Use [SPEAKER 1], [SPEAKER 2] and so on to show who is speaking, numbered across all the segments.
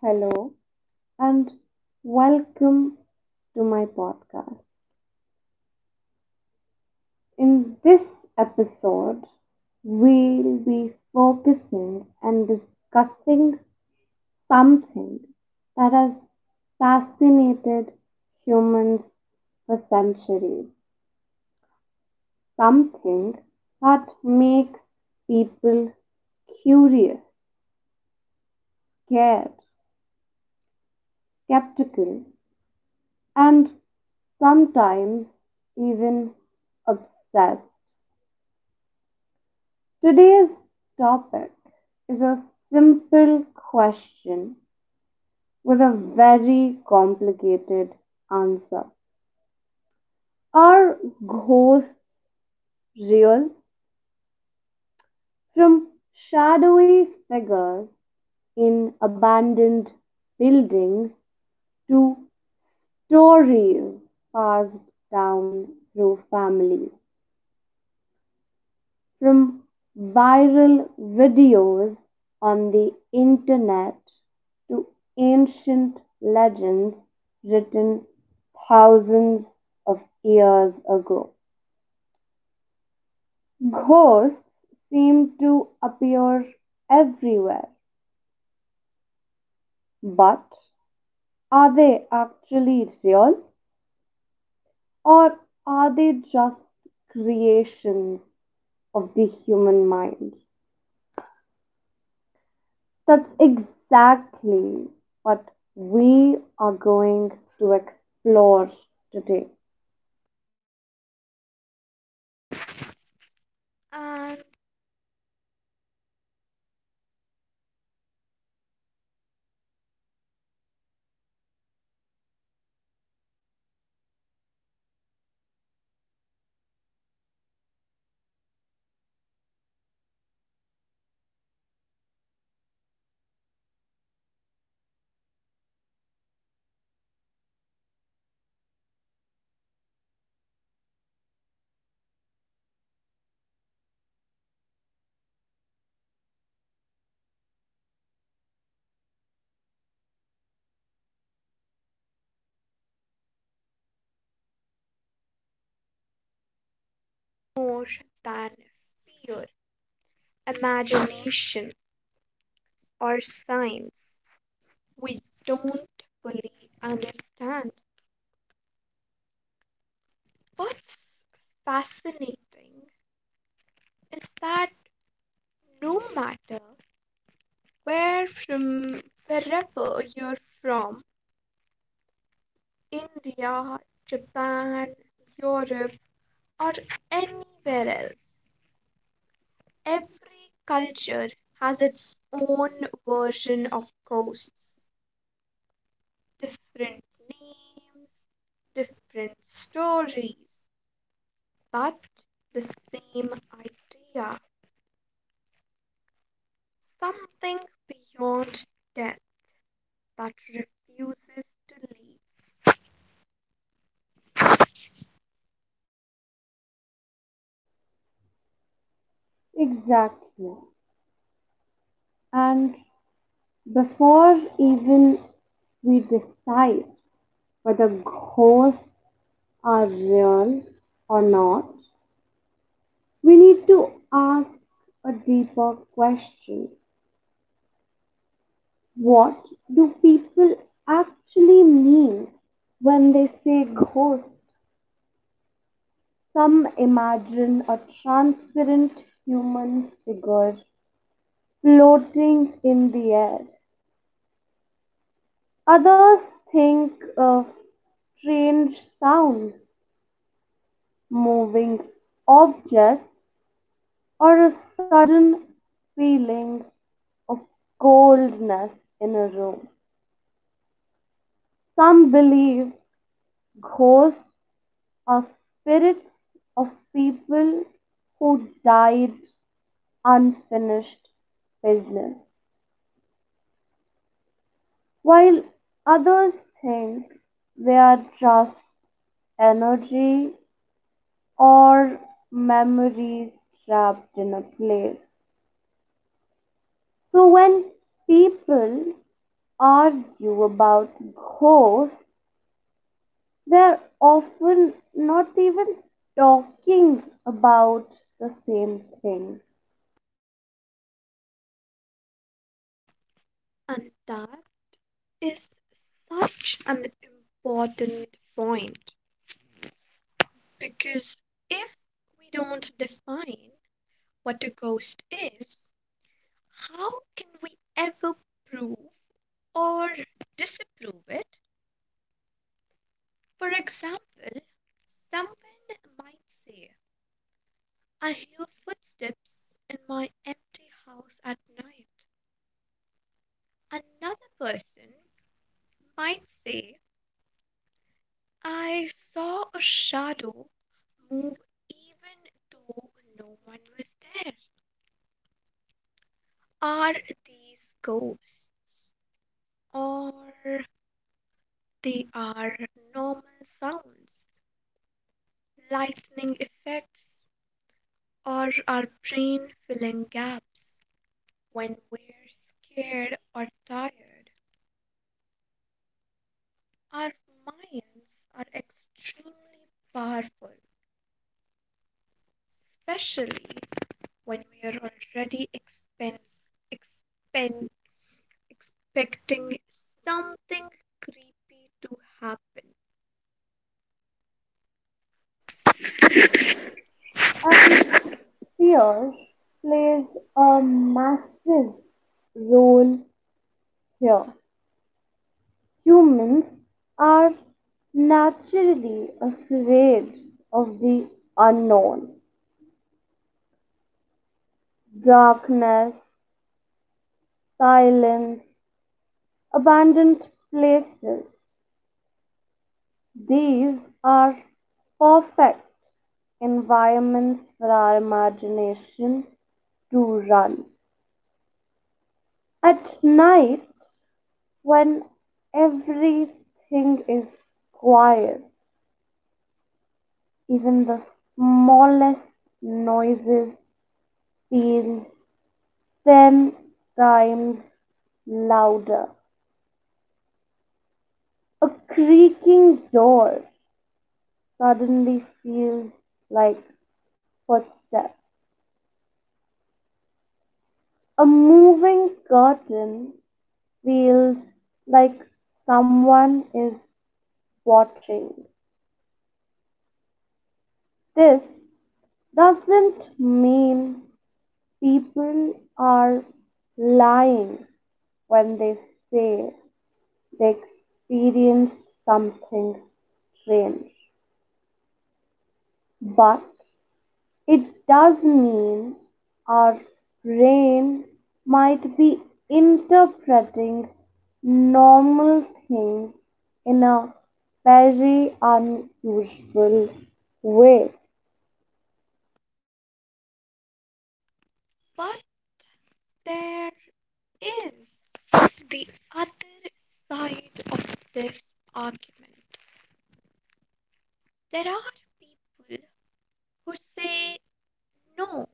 [SPEAKER 1] Hello and welcome to my podcast. In this episode, we'll be focusing and discussing something that has fascinated humans for centuries, something that makes people curious, scared, skeptical, and sometimes even obsessed. Today's topic is a simple question with a very complicated answer. Are ghosts real? From shadowy figures in abandoned buildings to stories passed down through families, from viral videos on the internet to ancient legends written thousands of years ago. Ghosts seem to appear everywhere, but are they actually real, or are they just creations of the human mind? That's exactly what we are going to explore today.
[SPEAKER 2] And more than fear, imagination, or science, we don't fully understand. What's fascinating is that no matter where from, wherever you're from, India, Japan, Europe, or anywhere else, every culture has its own version of ghosts. Different names, different stories, but the same idea, something beyond death that refuses to leave.
[SPEAKER 1] Exactly. And before even we decide whether ghosts are real or not, we need to ask a deeper question. What do people actually mean when they say ghost? Some imagine a transparent human figure floating in the air. Others think of strange sounds, moving objects, or a sudden feeling of coldness in a room. Some believe ghosts are spirits of people who died unfinished business, while others think they are just energy or memories trapped in a place. So when people argue about ghosts, they're often not even talking about the same thing.
[SPEAKER 2] And that is such an important point, because if we don't define what a ghost is, how can we ever prove or disapprove it? For example, someone might say, "I hear footsteps in my empty house at night." Another person might say, "I saw a shadow move even though no one was there." Are these ghosts, or they are normal sounds, lightning effects, or our brain filling gaps? When we're scared or tired, our minds are extremely powerful, especially when we are already expense, expen expecting something creepy to happen.
[SPEAKER 1] And fear plays a massive role here. Humans are naturally afraid of the unknown, darkness, silence, abandoned places. These are perfect environments for our imagination to run. At night, when everything is quiet, even the smallest noises feel 10 times louder. A creaking door suddenly feels like footsteps. A moving curtain feels like someone is watching. This doesn't mean people are lying when they say they experienced something strange, but it does mean our brain might be interpreting normal things in a very unusual way.
[SPEAKER 2] But there is the other side of this argument. There are people who say, no,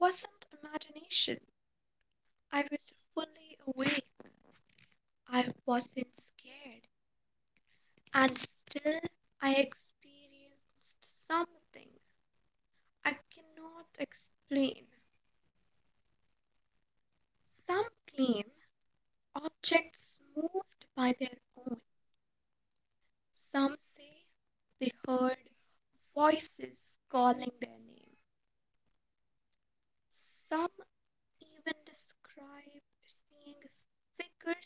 [SPEAKER 2] this wasn't imagination. I was fully awake. I wasn't scared. And still, I experienced something I cannot explain. Some claim objects moved by their own. Some say they heard voices calling their name. Some even describe seeing figures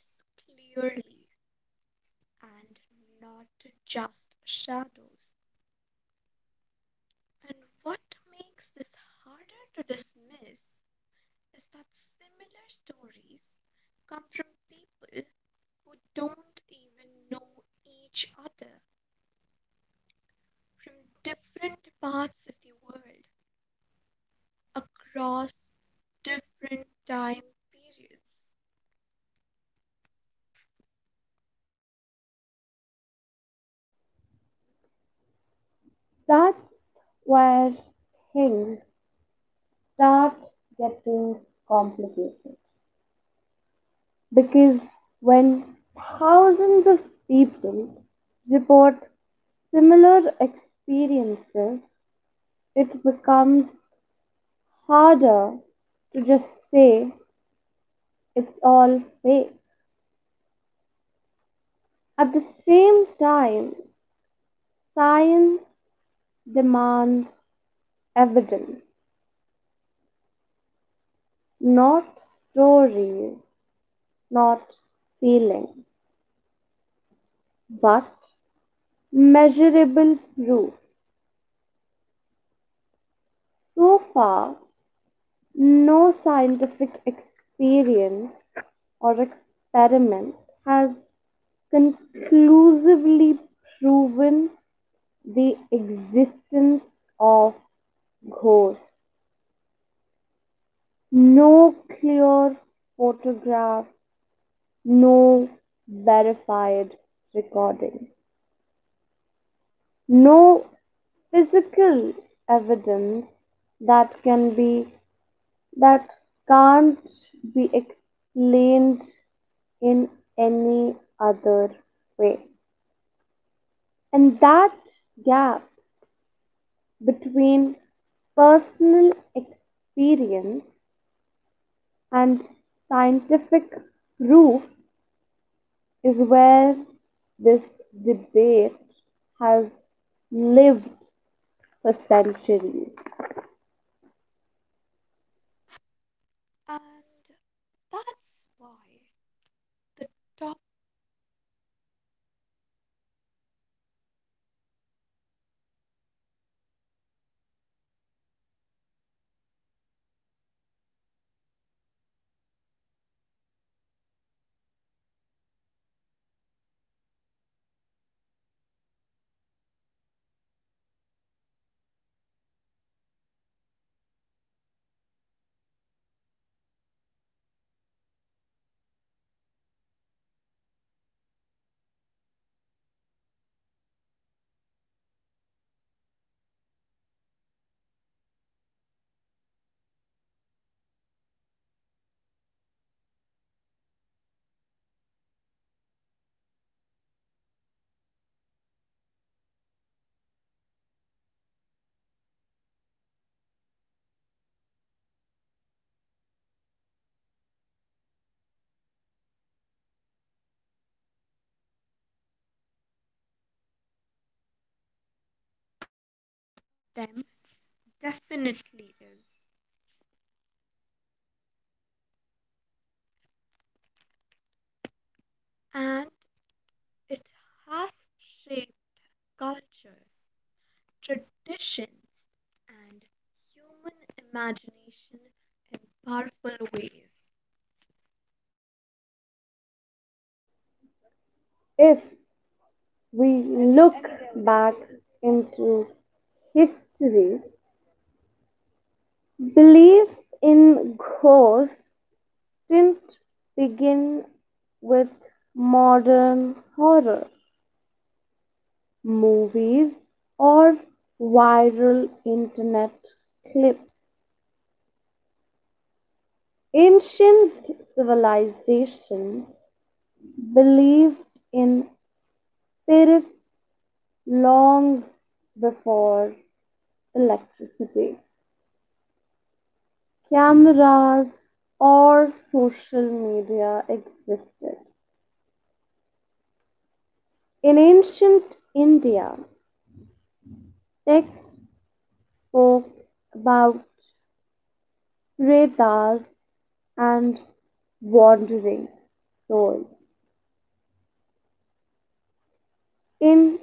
[SPEAKER 2] clearly and not just shadows. And what makes this harder to dismiss is that similar stories come from people who don't even know each other, from different parts of the world, across different time periods.
[SPEAKER 1] That's where things start getting complicated, because when thousands of people report similar experiences, it becomes harder to just say it's all fake. At the same time, science demands evidence, not stories, not feelings, but measurable proof. So far, no scientific experience or experiment has conclusively proven the existence of ghosts. No clear photograph, no verified recording, no physical evidence that can be that can't be explained in any other way. And that gap between personal experience and scientific proof is where this debate has lived for centuries.
[SPEAKER 2] And that's why the top them definitely is. And it has shaped cultures, traditions, and human imagination in powerful ways,
[SPEAKER 1] If we look back into history, belief in ghosts didn't begin with modern horror movies or viral internet clips. Ancient civilizations believed in spirits long before electricity, cameras, or social media existed. In ancient India, texts spoke about pretas and wandering souls. In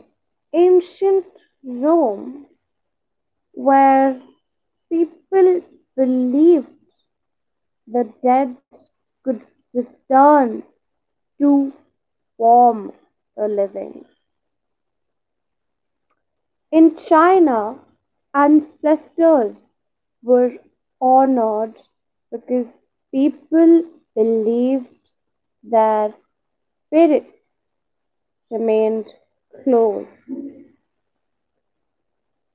[SPEAKER 1] ancient Rome, where people believed the dead could return to form a living. In China, ancestors were honored because people believed their spirits remained close.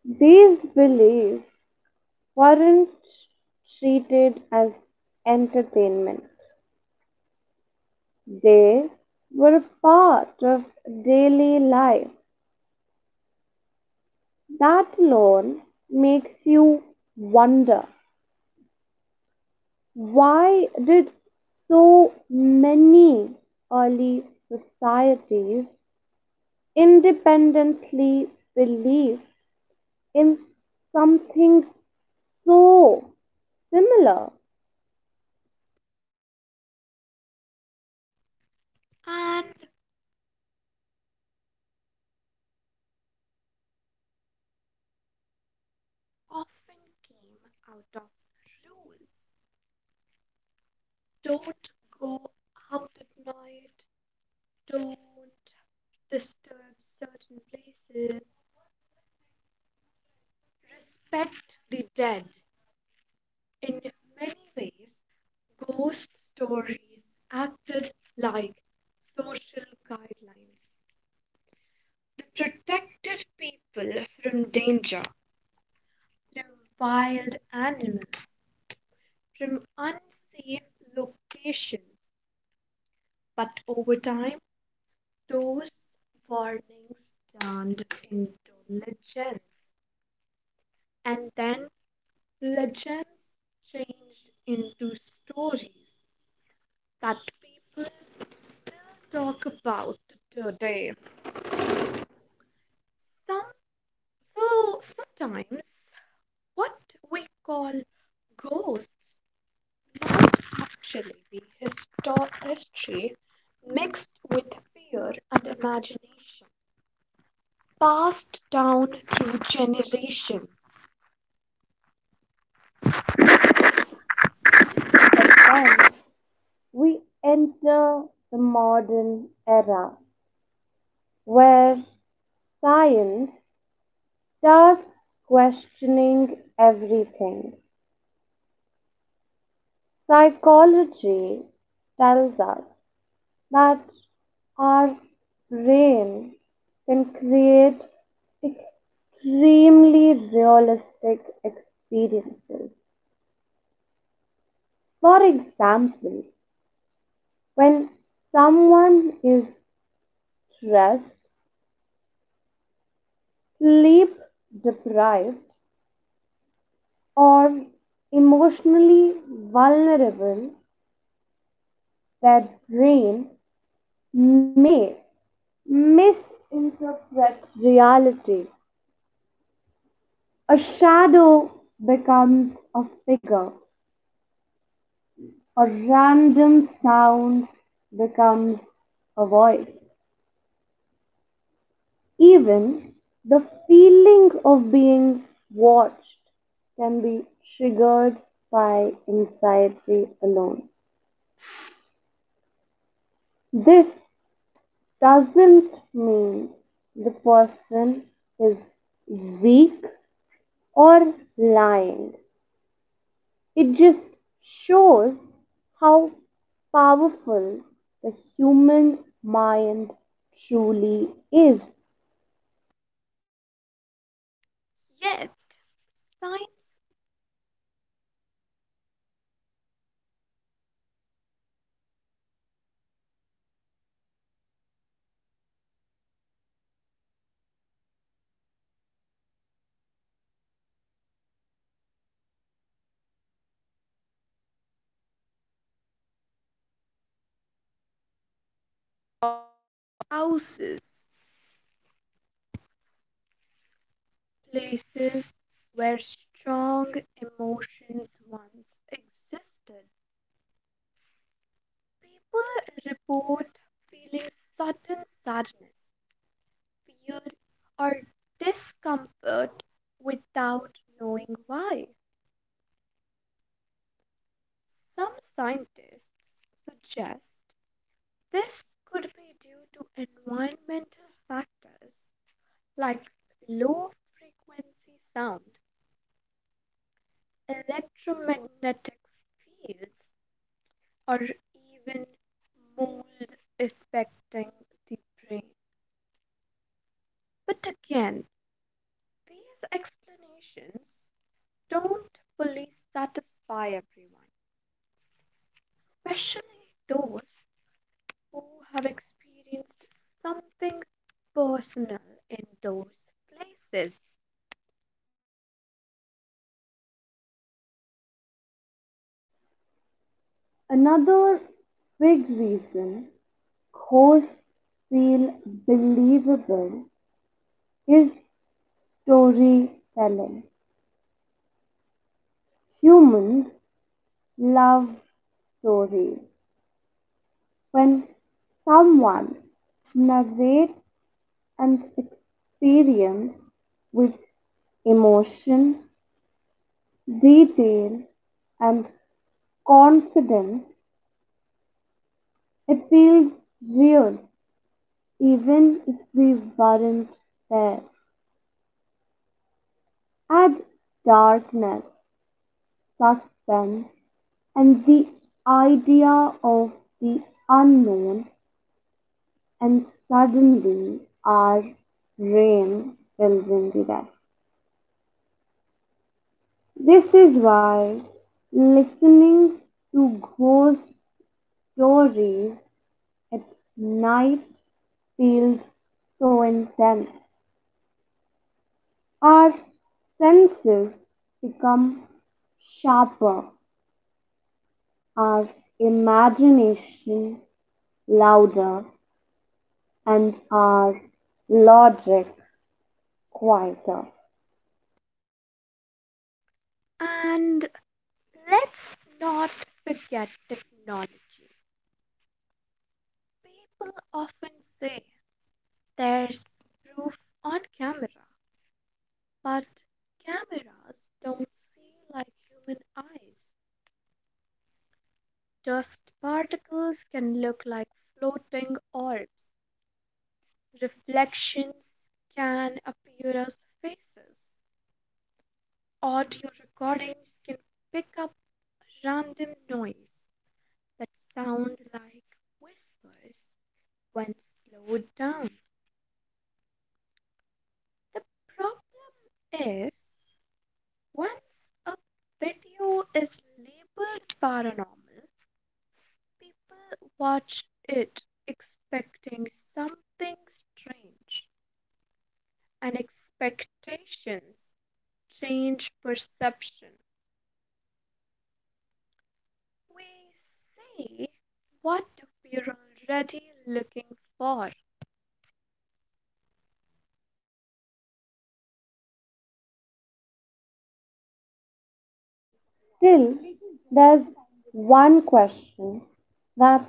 [SPEAKER 1] These beliefs weren't treated as entertainment, they were a part of daily life. That alone makes you wonder. Why did so many early societies independently believe in something so similar?
[SPEAKER 2] and often came out of rules. Don't go out at night, don't disturb certain places, respect the dead. In many ways, ghost stories acted like social guidelines. They protected people from danger, from wild animals, from unsafe locations. But over time, those warnings turned into legends, and then legends changed into stories that people still talk about today. Some so Sometimes what we call ghosts might actually be history mixed with fear and imagination, passed down through generations.
[SPEAKER 1] But then we enter the modern era, where science starts questioning everything. Psychology tells us that our brain can create extremely realistic experiences. For example, when someone is stressed, sleep deprived, or emotionally vulnerable, their brain may misinterpret reality. A shadow becomes a figure, a random sound becomes a voice. Even the feeling of being watched can be triggered by anxiety alone. This doesn't mean the person is weak or lying. It just shows how powerful the human mind truly is.
[SPEAKER 2] Yet, signs of houses, places where strong emotions once existed. People report feeling sudden sadness, fear, or discomfort without knowing why. Some scientists suggest this could be due to environmental factors like low frequency sound, electromagnetic fields, or even mold affecting the brain. But again, these explanations don't fully satisfy everyone, especially those who have experienced something personal in those places.
[SPEAKER 1] Another big reason ghosts feel believable is storytelling. Humans love stories. When someone narrates an experience with emotion, detail, and confidence, it feels real, even if we weren't there. Add darkness, suspense, and the idea of the unknown, and suddenly our brain fills in the rest. This is why listening to ghost stories at night feels so intense. Our senses become sharper, our imagination louder, and our logic quieter.
[SPEAKER 2] And let's not forget technology. People often say there's proof on camera, but cameras don't see like human eyes. Dust particles can look like floating orbs. Reflections can appear as faces. Audio recordings can pick up random noise that sound like whispers when slowed down. The problem is, once a video is labeled paranormal, people watch it expecting something strange, and expectations change perception. We see what we're already looking for.
[SPEAKER 1] Still, there's one question that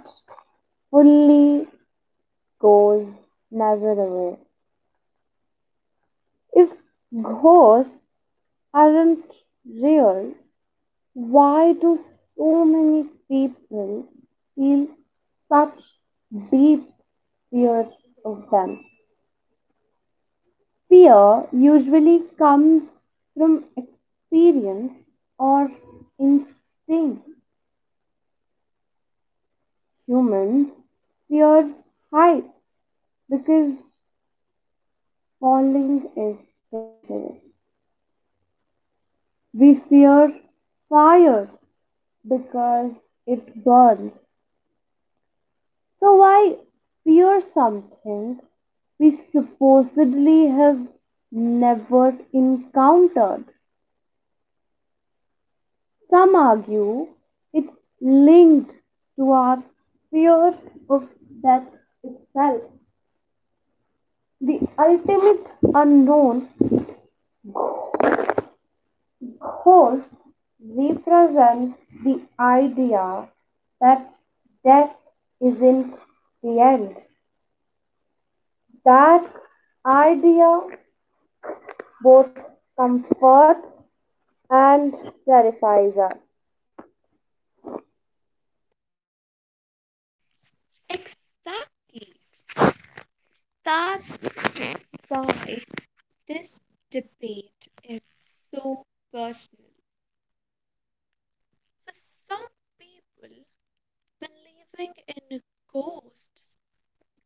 [SPEAKER 1] fully goes never away. If ghosts aren't real, why do so many people feel such deep fears of them? Fear usually comes from experience or instinct. Humans fear heights because falling is dangerous. We fear fire because it burns. So why fear something we supposedly have never encountered? Some argue it's linked to our fear of death itself. The ultimate unknown, ghost represents the idea that death isn't the end. That idea both comforts and terrifies us.
[SPEAKER 2] Exactly. That's why this debate is so personal. For some people, believing in ghosts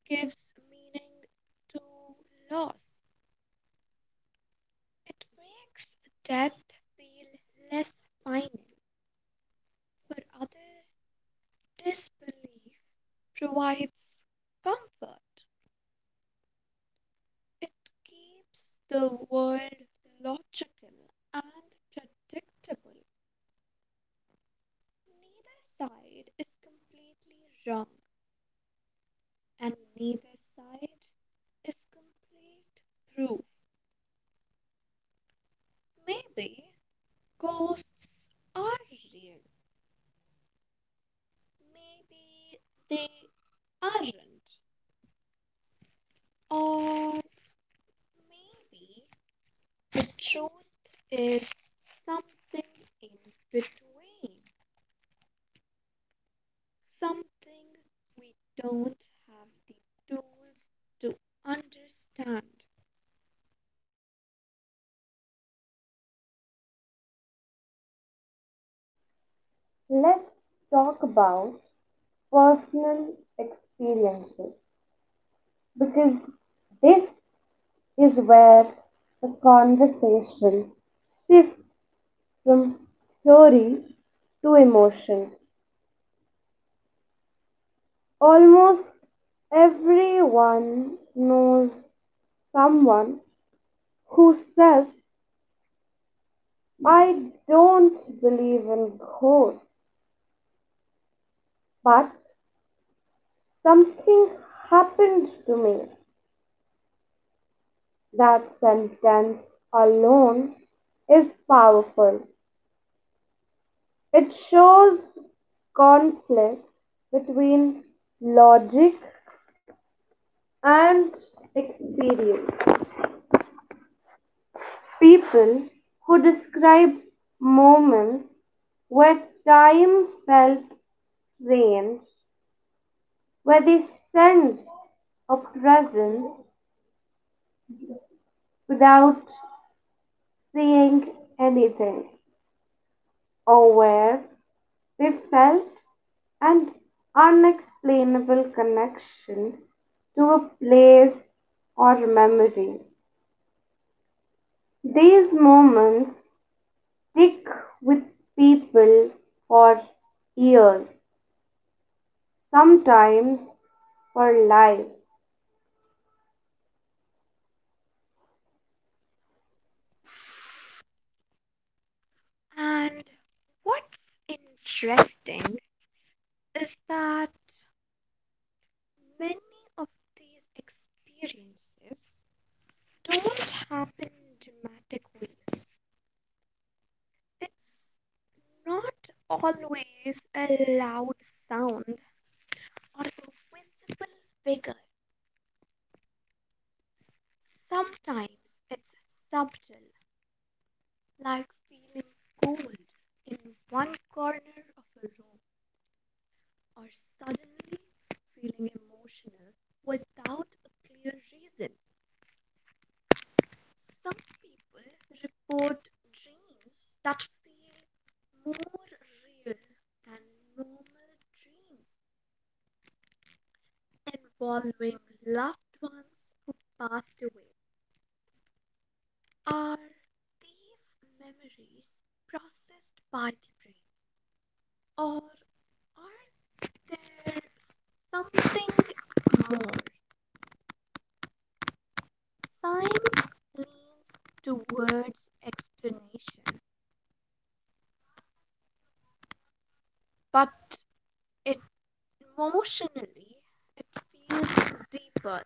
[SPEAKER 2] gives meaning to loss. It makes death feel less final. For others, disbelief provides comfort. It keeps the world logical and predictable. Neither side is completely wrong, and neither side is complete proof. Maybe ghosts are real, maybe they aren't, or maybe the truth is something in between, something we don't have the tools to understand.
[SPEAKER 1] Let's talk about personal experiences, because this is where the conversation shifts from theory to emotion. Almost everyone knows someone who says, "I don't believe in ghosts, but something happened to me." That sentence alone is powerful. It shows conflict between logic and experience. People who describe moments where time felt strange, where they sensed a presence without seeing anything, or where they felt an unexplainable connection to a place or memory. These moments stick with people for years, sometimes for life.
[SPEAKER 2] And what's interesting is that many of these experiences don't happen in dramatic ways. It's not always a loud sound or a visible figure. Sometimes it's subtle, like feeling cold in one corner of a room or suddenly feeling emotional without a clear reason. Some people report dreams that feel more real than normal dreams, involving loved ones who passed away. Are these memories processed by the brain, or are there's something more? Science leans towards explanation, but it emotionally it feels deeper.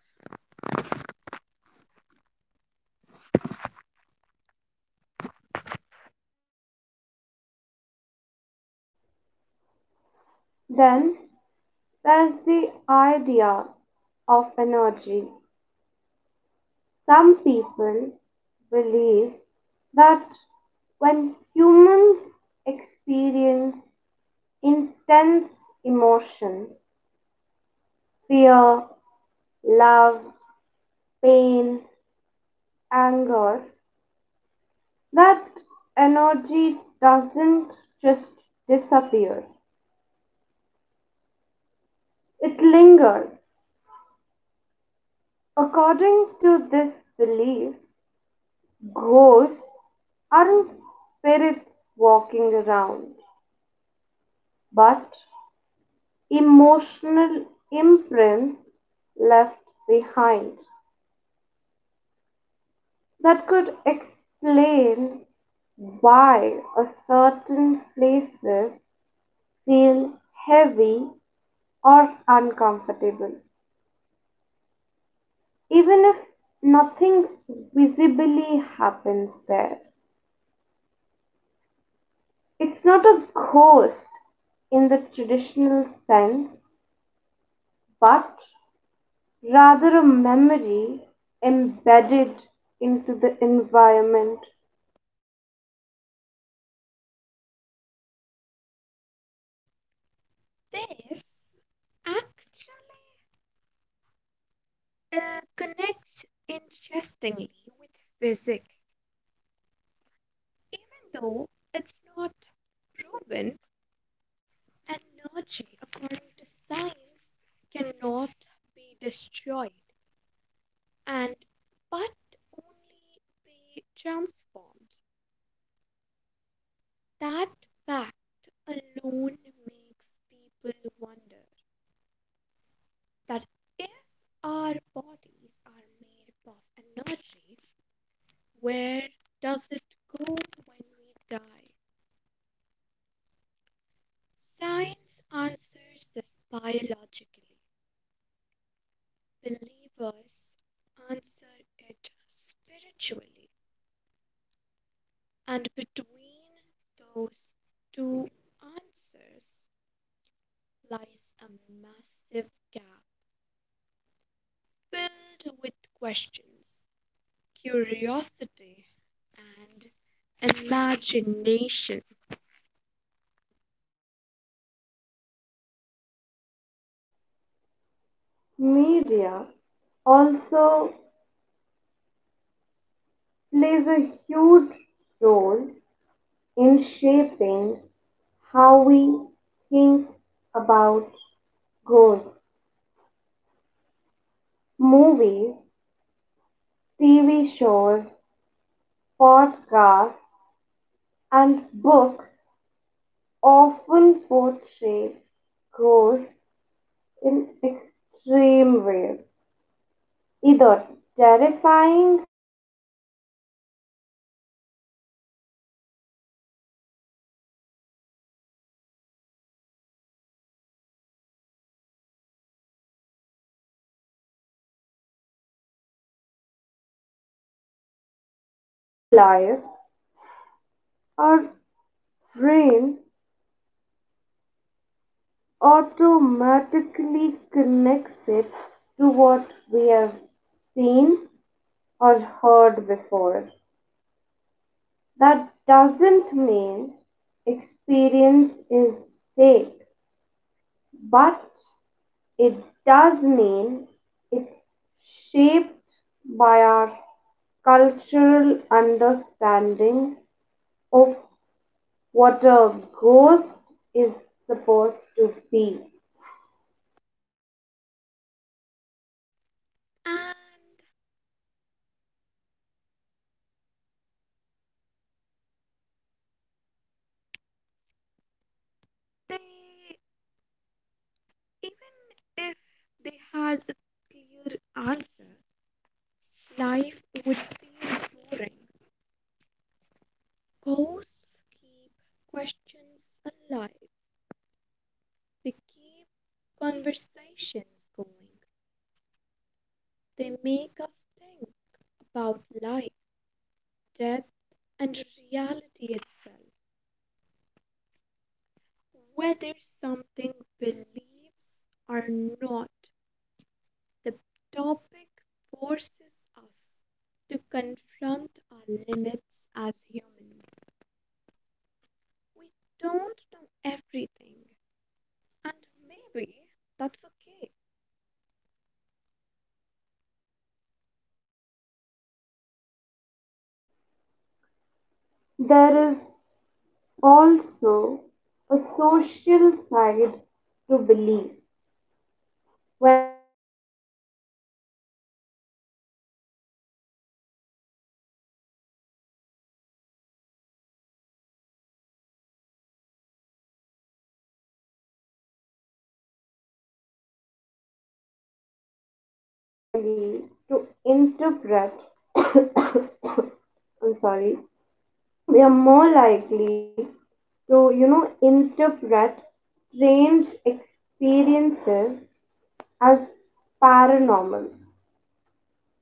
[SPEAKER 1] Then there's the idea of energy. Some people believe that when humans experience intense emotion, fear, love, pain, anger, that energy doesn't just disappear. It lingers. According to this belief, ghosts aren't spirits walking around, but emotional imprint left behind. That could explain why a certain places feel heavy or uncomfortable, even if nothing visibly happens there. It's not a ghost in the traditional sense, but rather a memory embedded into the environment.
[SPEAKER 2] This actually connects interestingly with physics, even though it's not proven. Energy, according to science, cannot be destroyed, and but only be transformed. That fact alone makes people wonder that if our bodies are made up of energy, where does it go when we die? Science answers this biologically. Believers answer it spiritually. And between those two answers lies a massive gap filled with questions, curiosity, and imagination.
[SPEAKER 1] Media also plays a huge role in shaping how we think about ghosts. Movies, TV shows, podcasts, and books often portray ghosts in extreme ways, either terrifying or emotional. These stories influence our expectations. So when something strange happens in real life, our brain automatically connects it to what we have seen or heard before. That doesn't mean experience is fake, but it does mean it's shaped by our cultural understanding of what a ghost is supposed to be.
[SPEAKER 2] And they, even if they had a clear answer, life would feel boring. Ghosts keep questions alive, they keep conversations going, they make us think about life, death, and reality itself. Whether something believes or not, the topic forces us to confront our limits as humans. We don't know everything, and maybe that's okay.
[SPEAKER 1] There is also a social side to belief. When someone grows up in a family or culture that openly talk about spirit, they are more likely to interpret. I'm sorry. They are more likely to interpret strange experiences as paranormal.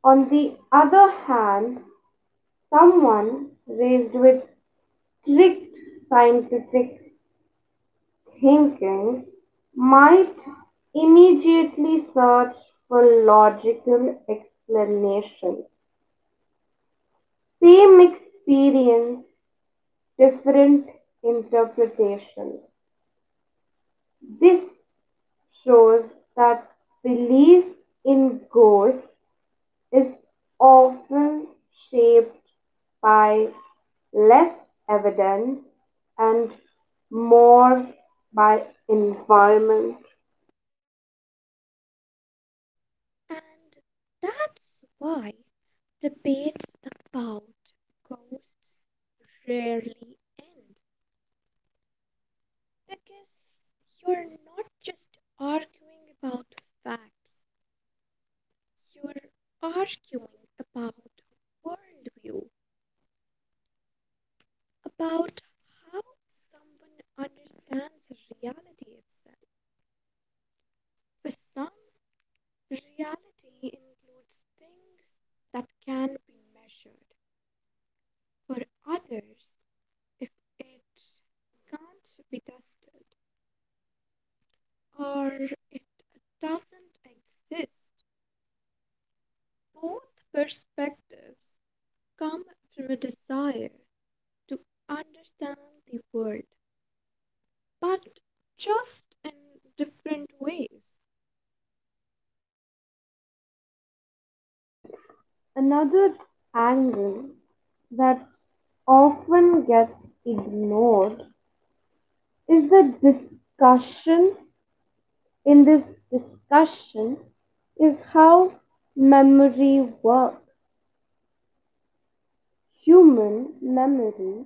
[SPEAKER 1] On the other hand, someone raised with strict scientific thinking might immediately search for logical explanations. Same experience, different interpretations. This shows that belief in ghosts is often shaped by less evidence and more by environment.
[SPEAKER 2] And that's why debates about ghosts rarely end. Because you're not just arguing about facts, you're arguing about worldview, about how someone understands reality itself. For some, reality includes things that can be measured. For others, if it can't be tested or it doesn't exist, both perspectives come from a desire to understand the world, but just in different ways.
[SPEAKER 1] Another angle that often gets ignored is the discussion in this discussion is how memory works. Human memory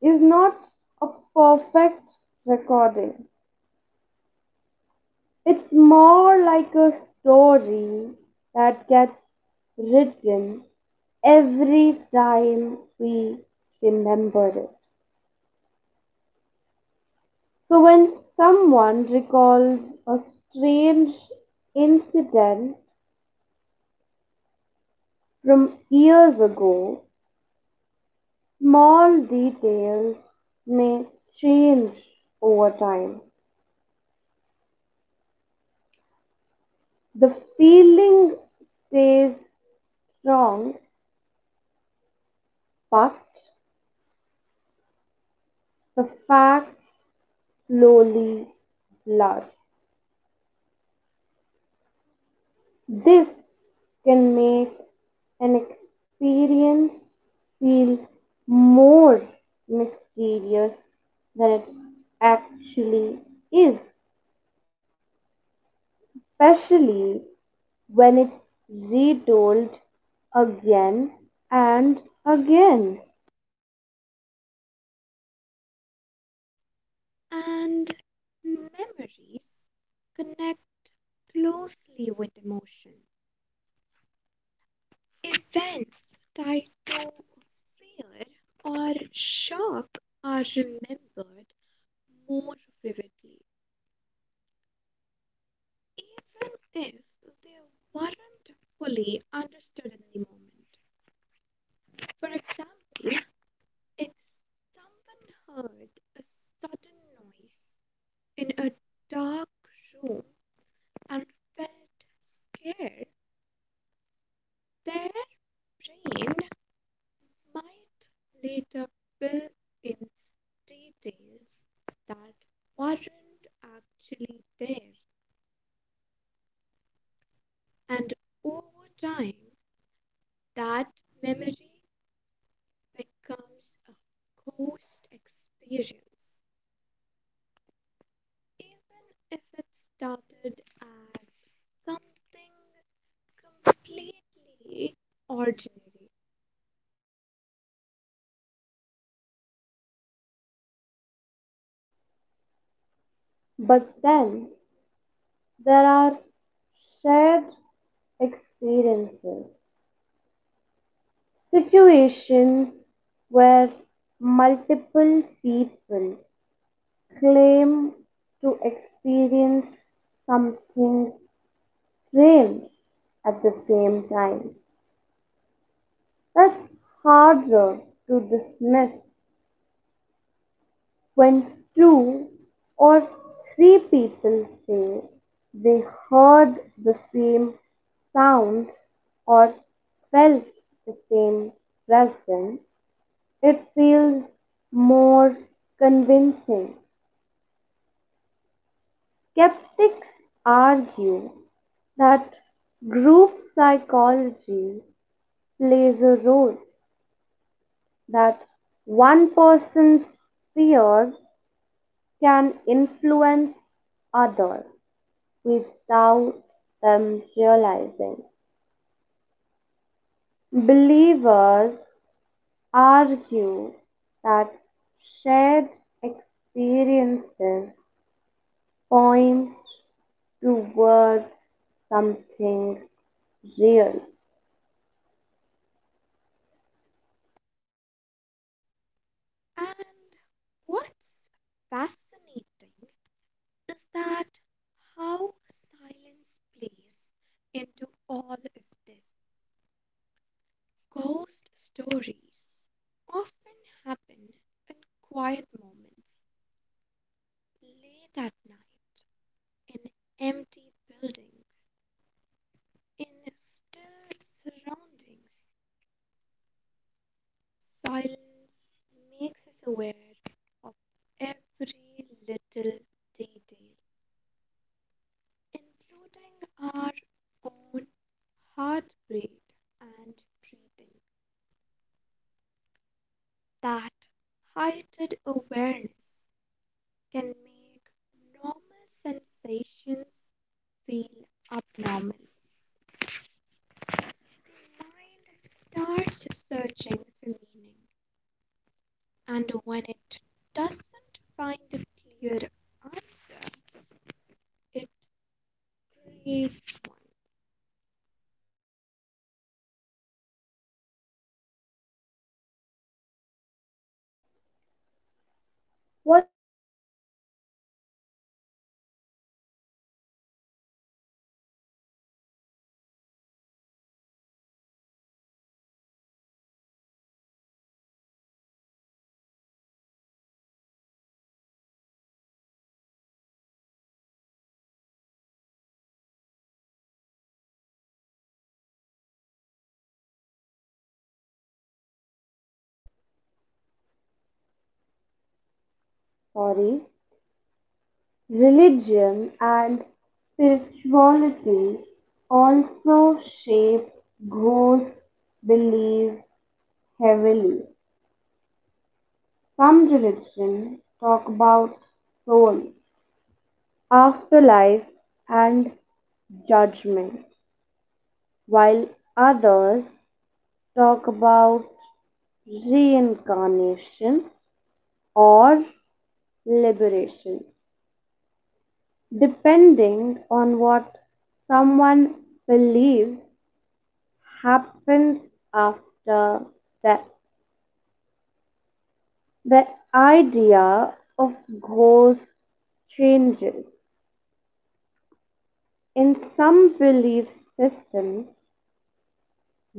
[SPEAKER 1] is not a perfect recording. It's more like a story that gets written every time we remember it. So, when someone recalls a strange incident from years ago, small details may change over time. The feeling stays strong, but the facts slowly blur. This can make an experience feel more mysterious than it actually is, especially when it's retold again and again.
[SPEAKER 2] And memories connect closely with emotion. Events tied to fear or shock are remembered more vividly, even if they weren't fully understood in the moment. For example, if someone heard a sudden noise in a dark room and felt scared, their brain might later fill in details that weren't actually there, and over time, that memory becomes a ghost experience, even if it started as something completely ordinary.
[SPEAKER 1] But then there are shared experiences, situations where multiple people claim to experience something strange at the same time. That's harder to dismiss when two or three people say they heard the same sound or felt the same presence. It feels more convincing. Skeptics argue that group psychology plays a role, that one person's fear can influence others without them realizing. Believers argue that shared experiences point towards something real.
[SPEAKER 2] And what's fascinating is that how silence plays into all of this. Ghost stories often happen in quiet moments, late at night, in empty buildings, in still surroundings. Silence makes us aware of every little detail, including our own heartbeat and breathing. That heightened awareness can make normal sensations feel abnormal. The mind starts searching for meaning, and when it doesn't find a clear answer, it creates one.
[SPEAKER 1] What religion and spirituality also shape goals believe heavily in some sorry Religion and spirituality also shape goals believe heavily. Some religion talk about soul, afterlife, and judgment, while others talk about reincarnation or liberation, depending on what someone believes happens after death. The idea of ghosts changes. In some belief systems,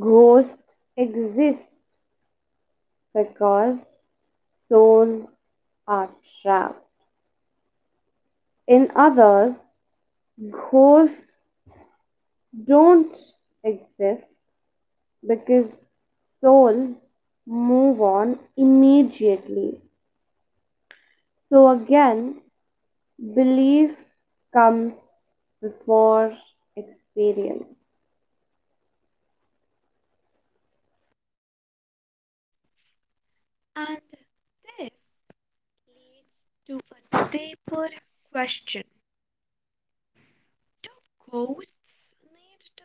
[SPEAKER 1] ghosts exist because souls are trapped. In others, ghosts don't exist because souls move on immediately. So again, belief comes before experience.
[SPEAKER 2] And this leads to a deeper question. Do ghosts need to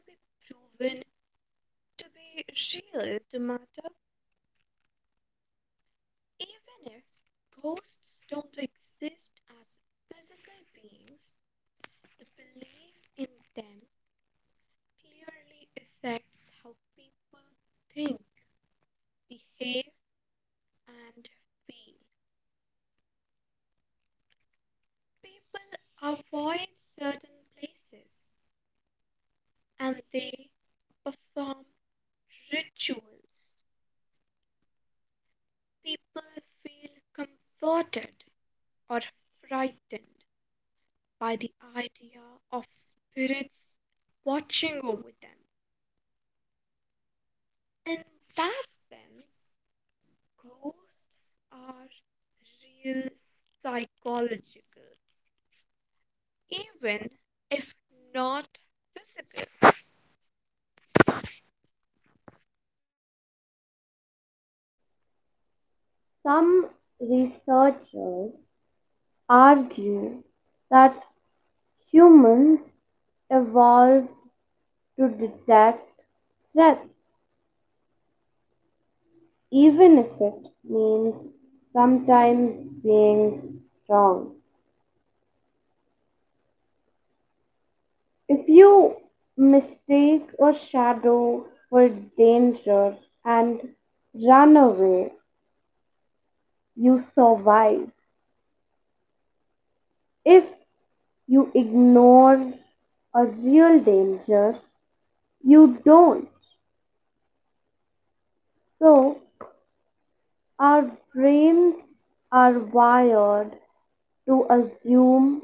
[SPEAKER 2] be proven to be real to matter? Even if ghosts don't exist as physical beings, the belief in them clearly affects how people think, behave, and feel. People avoid certain places and they perform rituals. People feel comforted or frightened by the idea of spirits watching over them. In that sense, ghosts are real psychological, even if not physical.
[SPEAKER 1] Some researchers argue that humans evolved to detect threats, even if it means sometimes being wrong. If you mistake a shadow for danger and run away, you survive. If you ignore a real danger, you don't. So, our brains are wired to assume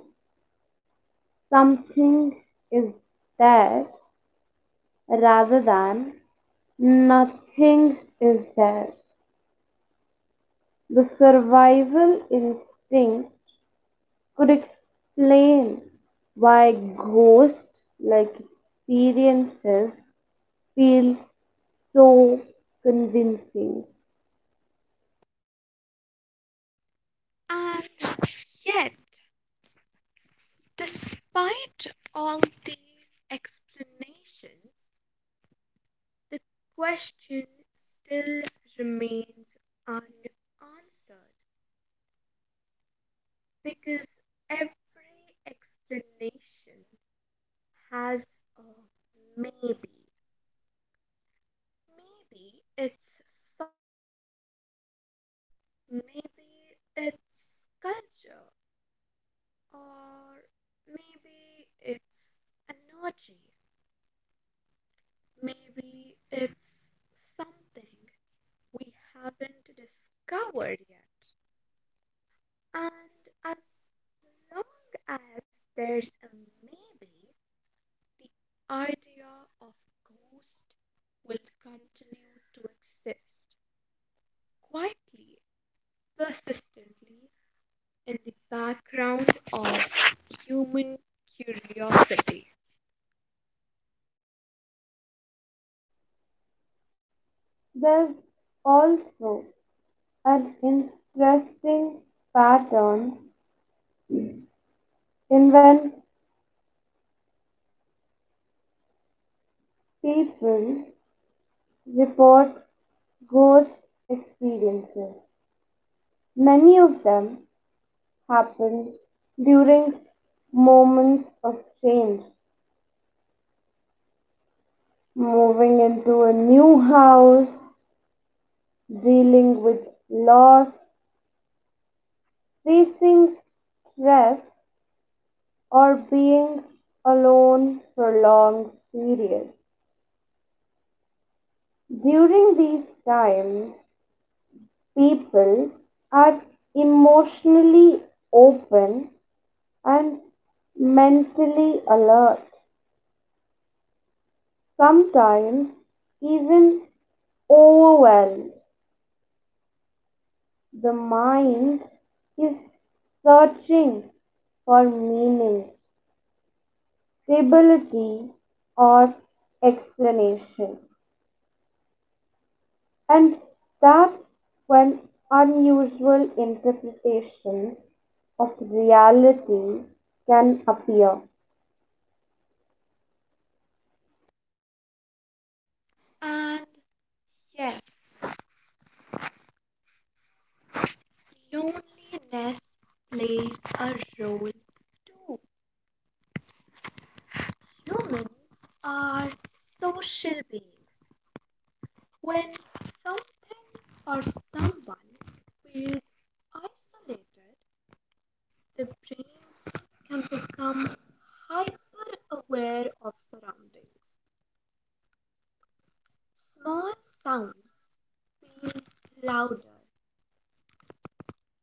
[SPEAKER 1] something is there rather than nothing is there. The survival instinct could explain why ghost like experiences feel so convincing.
[SPEAKER 2] And yet, despite all these explanations, the question still remains unanswered, because every explanation has a maybe. Maybe it's psychology, maybe it's culture, or maybe it's energy, maybe it's something we haven't discovered yet. And as long as there's a maybe, the idea of ghost will continue to exist quietly, persistently in the background of human curiosity.
[SPEAKER 1] There's also an interesting pattern in when people report ghost experiences. Many of them happen during moments of change, moving into a new house, dealing with loss, facing stress, or being alone for long periods. During these times, people are emotionally open and mentally alert, sometimes even overwhelmed. The mind is searching for meaning, stability, or explanation, and that's when unusual interpretations of reality can appear.
[SPEAKER 2] And yes, loneliness plays a role too. Humans are social beings. When something or someone feels isolated, the brain can become hyper aware of surroundings. Small sounds feel louder,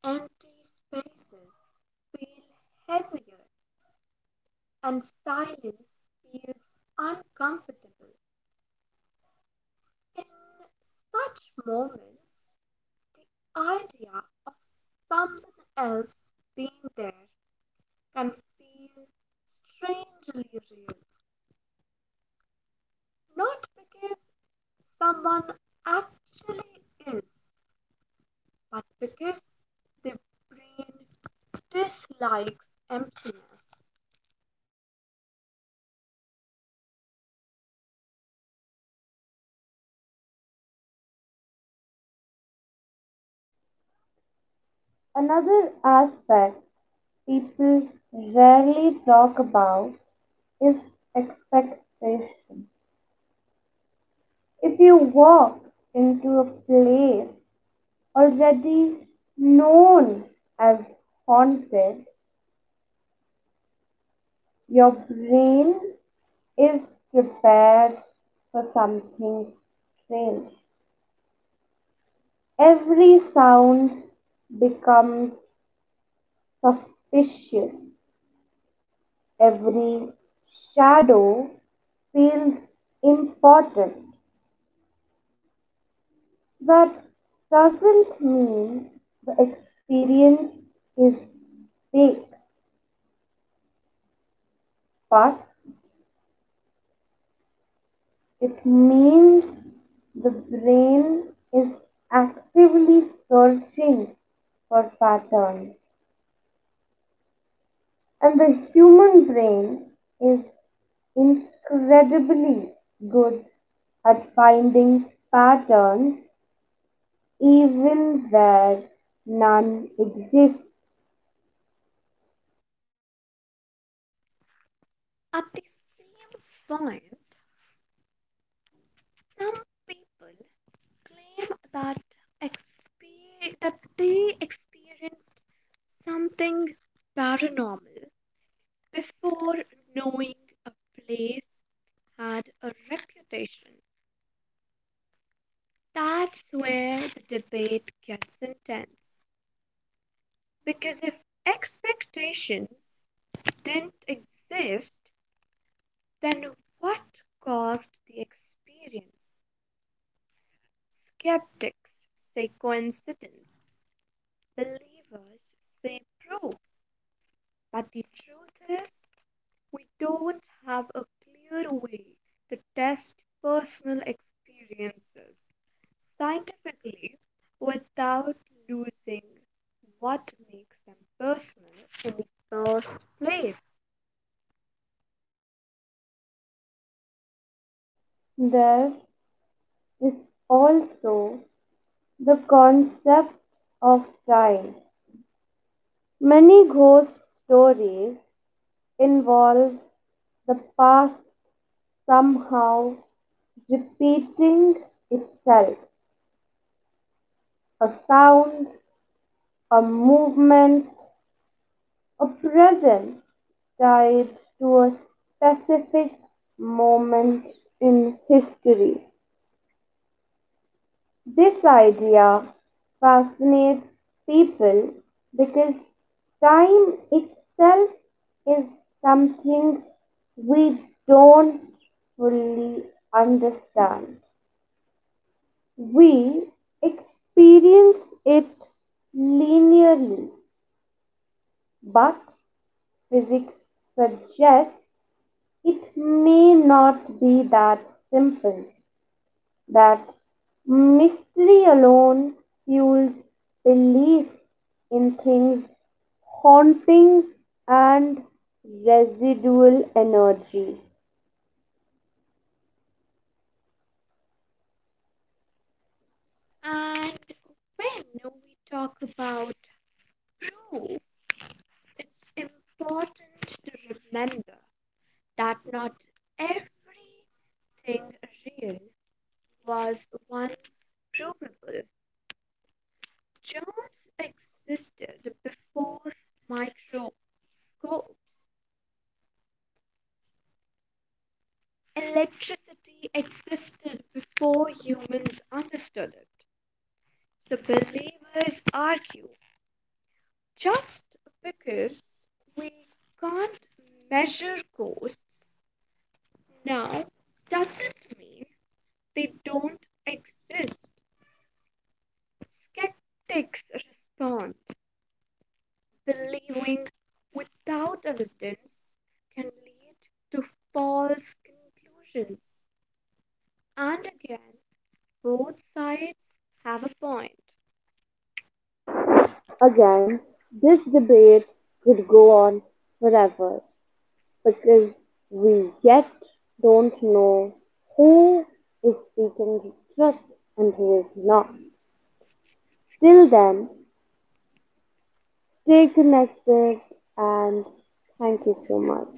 [SPEAKER 2] empty spaces feel heavier, and silence feels uncomfortable. In such moments, the idea of someone else being there can feel strangely real, not because someone actually is, but because the brain dislikes emptiness.
[SPEAKER 1] Another aspect people rarely talk about is expectation. If you walk into a place already known as haunted, your brain is prepared for something strange. Every sound becomes suspicious. Every shadow feels important. That doesn't mean the experience is fake, but it means the brain is actively searching for patterns. And the human brain is incredibly good at finding patterns, even where none exists.
[SPEAKER 2] At the same point, some people claim that that they experienced something paranormal before knowing a place had a reputation. That's where the debate gets intense. Because if expectations didn't exist, then what caused the experience? Skeptics say coincidence, believers say proof. But the truth is, we don't have a clear way to test personal experiences scientifically without losing what makes them personal in the first place.
[SPEAKER 1] There is also the concept of time. Many ghost stories involve the past somehow repeating itself. A sound, a movement, a presence tied to a specific moment in history. This idea fascinates people because time itself is something we don't fully understand. We experience it linearly, but physics suggests it may not be that simple. That mystery alone fuels belief in things, hauntings, and residual energy.
[SPEAKER 2] And when we talk about proof, it's important to remember that not everything real was once provable. Germs existed before microscopes. Electricity existed before humans understood it. So believers argue just because we can't measure ghosts now doesn't mean they don't exist. Skeptics respond, believing without evidence can lead to false conclusions. And again, both sides have a point.
[SPEAKER 1] Again, this debate could go on forever, because we yet don't know who is speaking the truth and who is not. Till then, stay connected and thank you so much.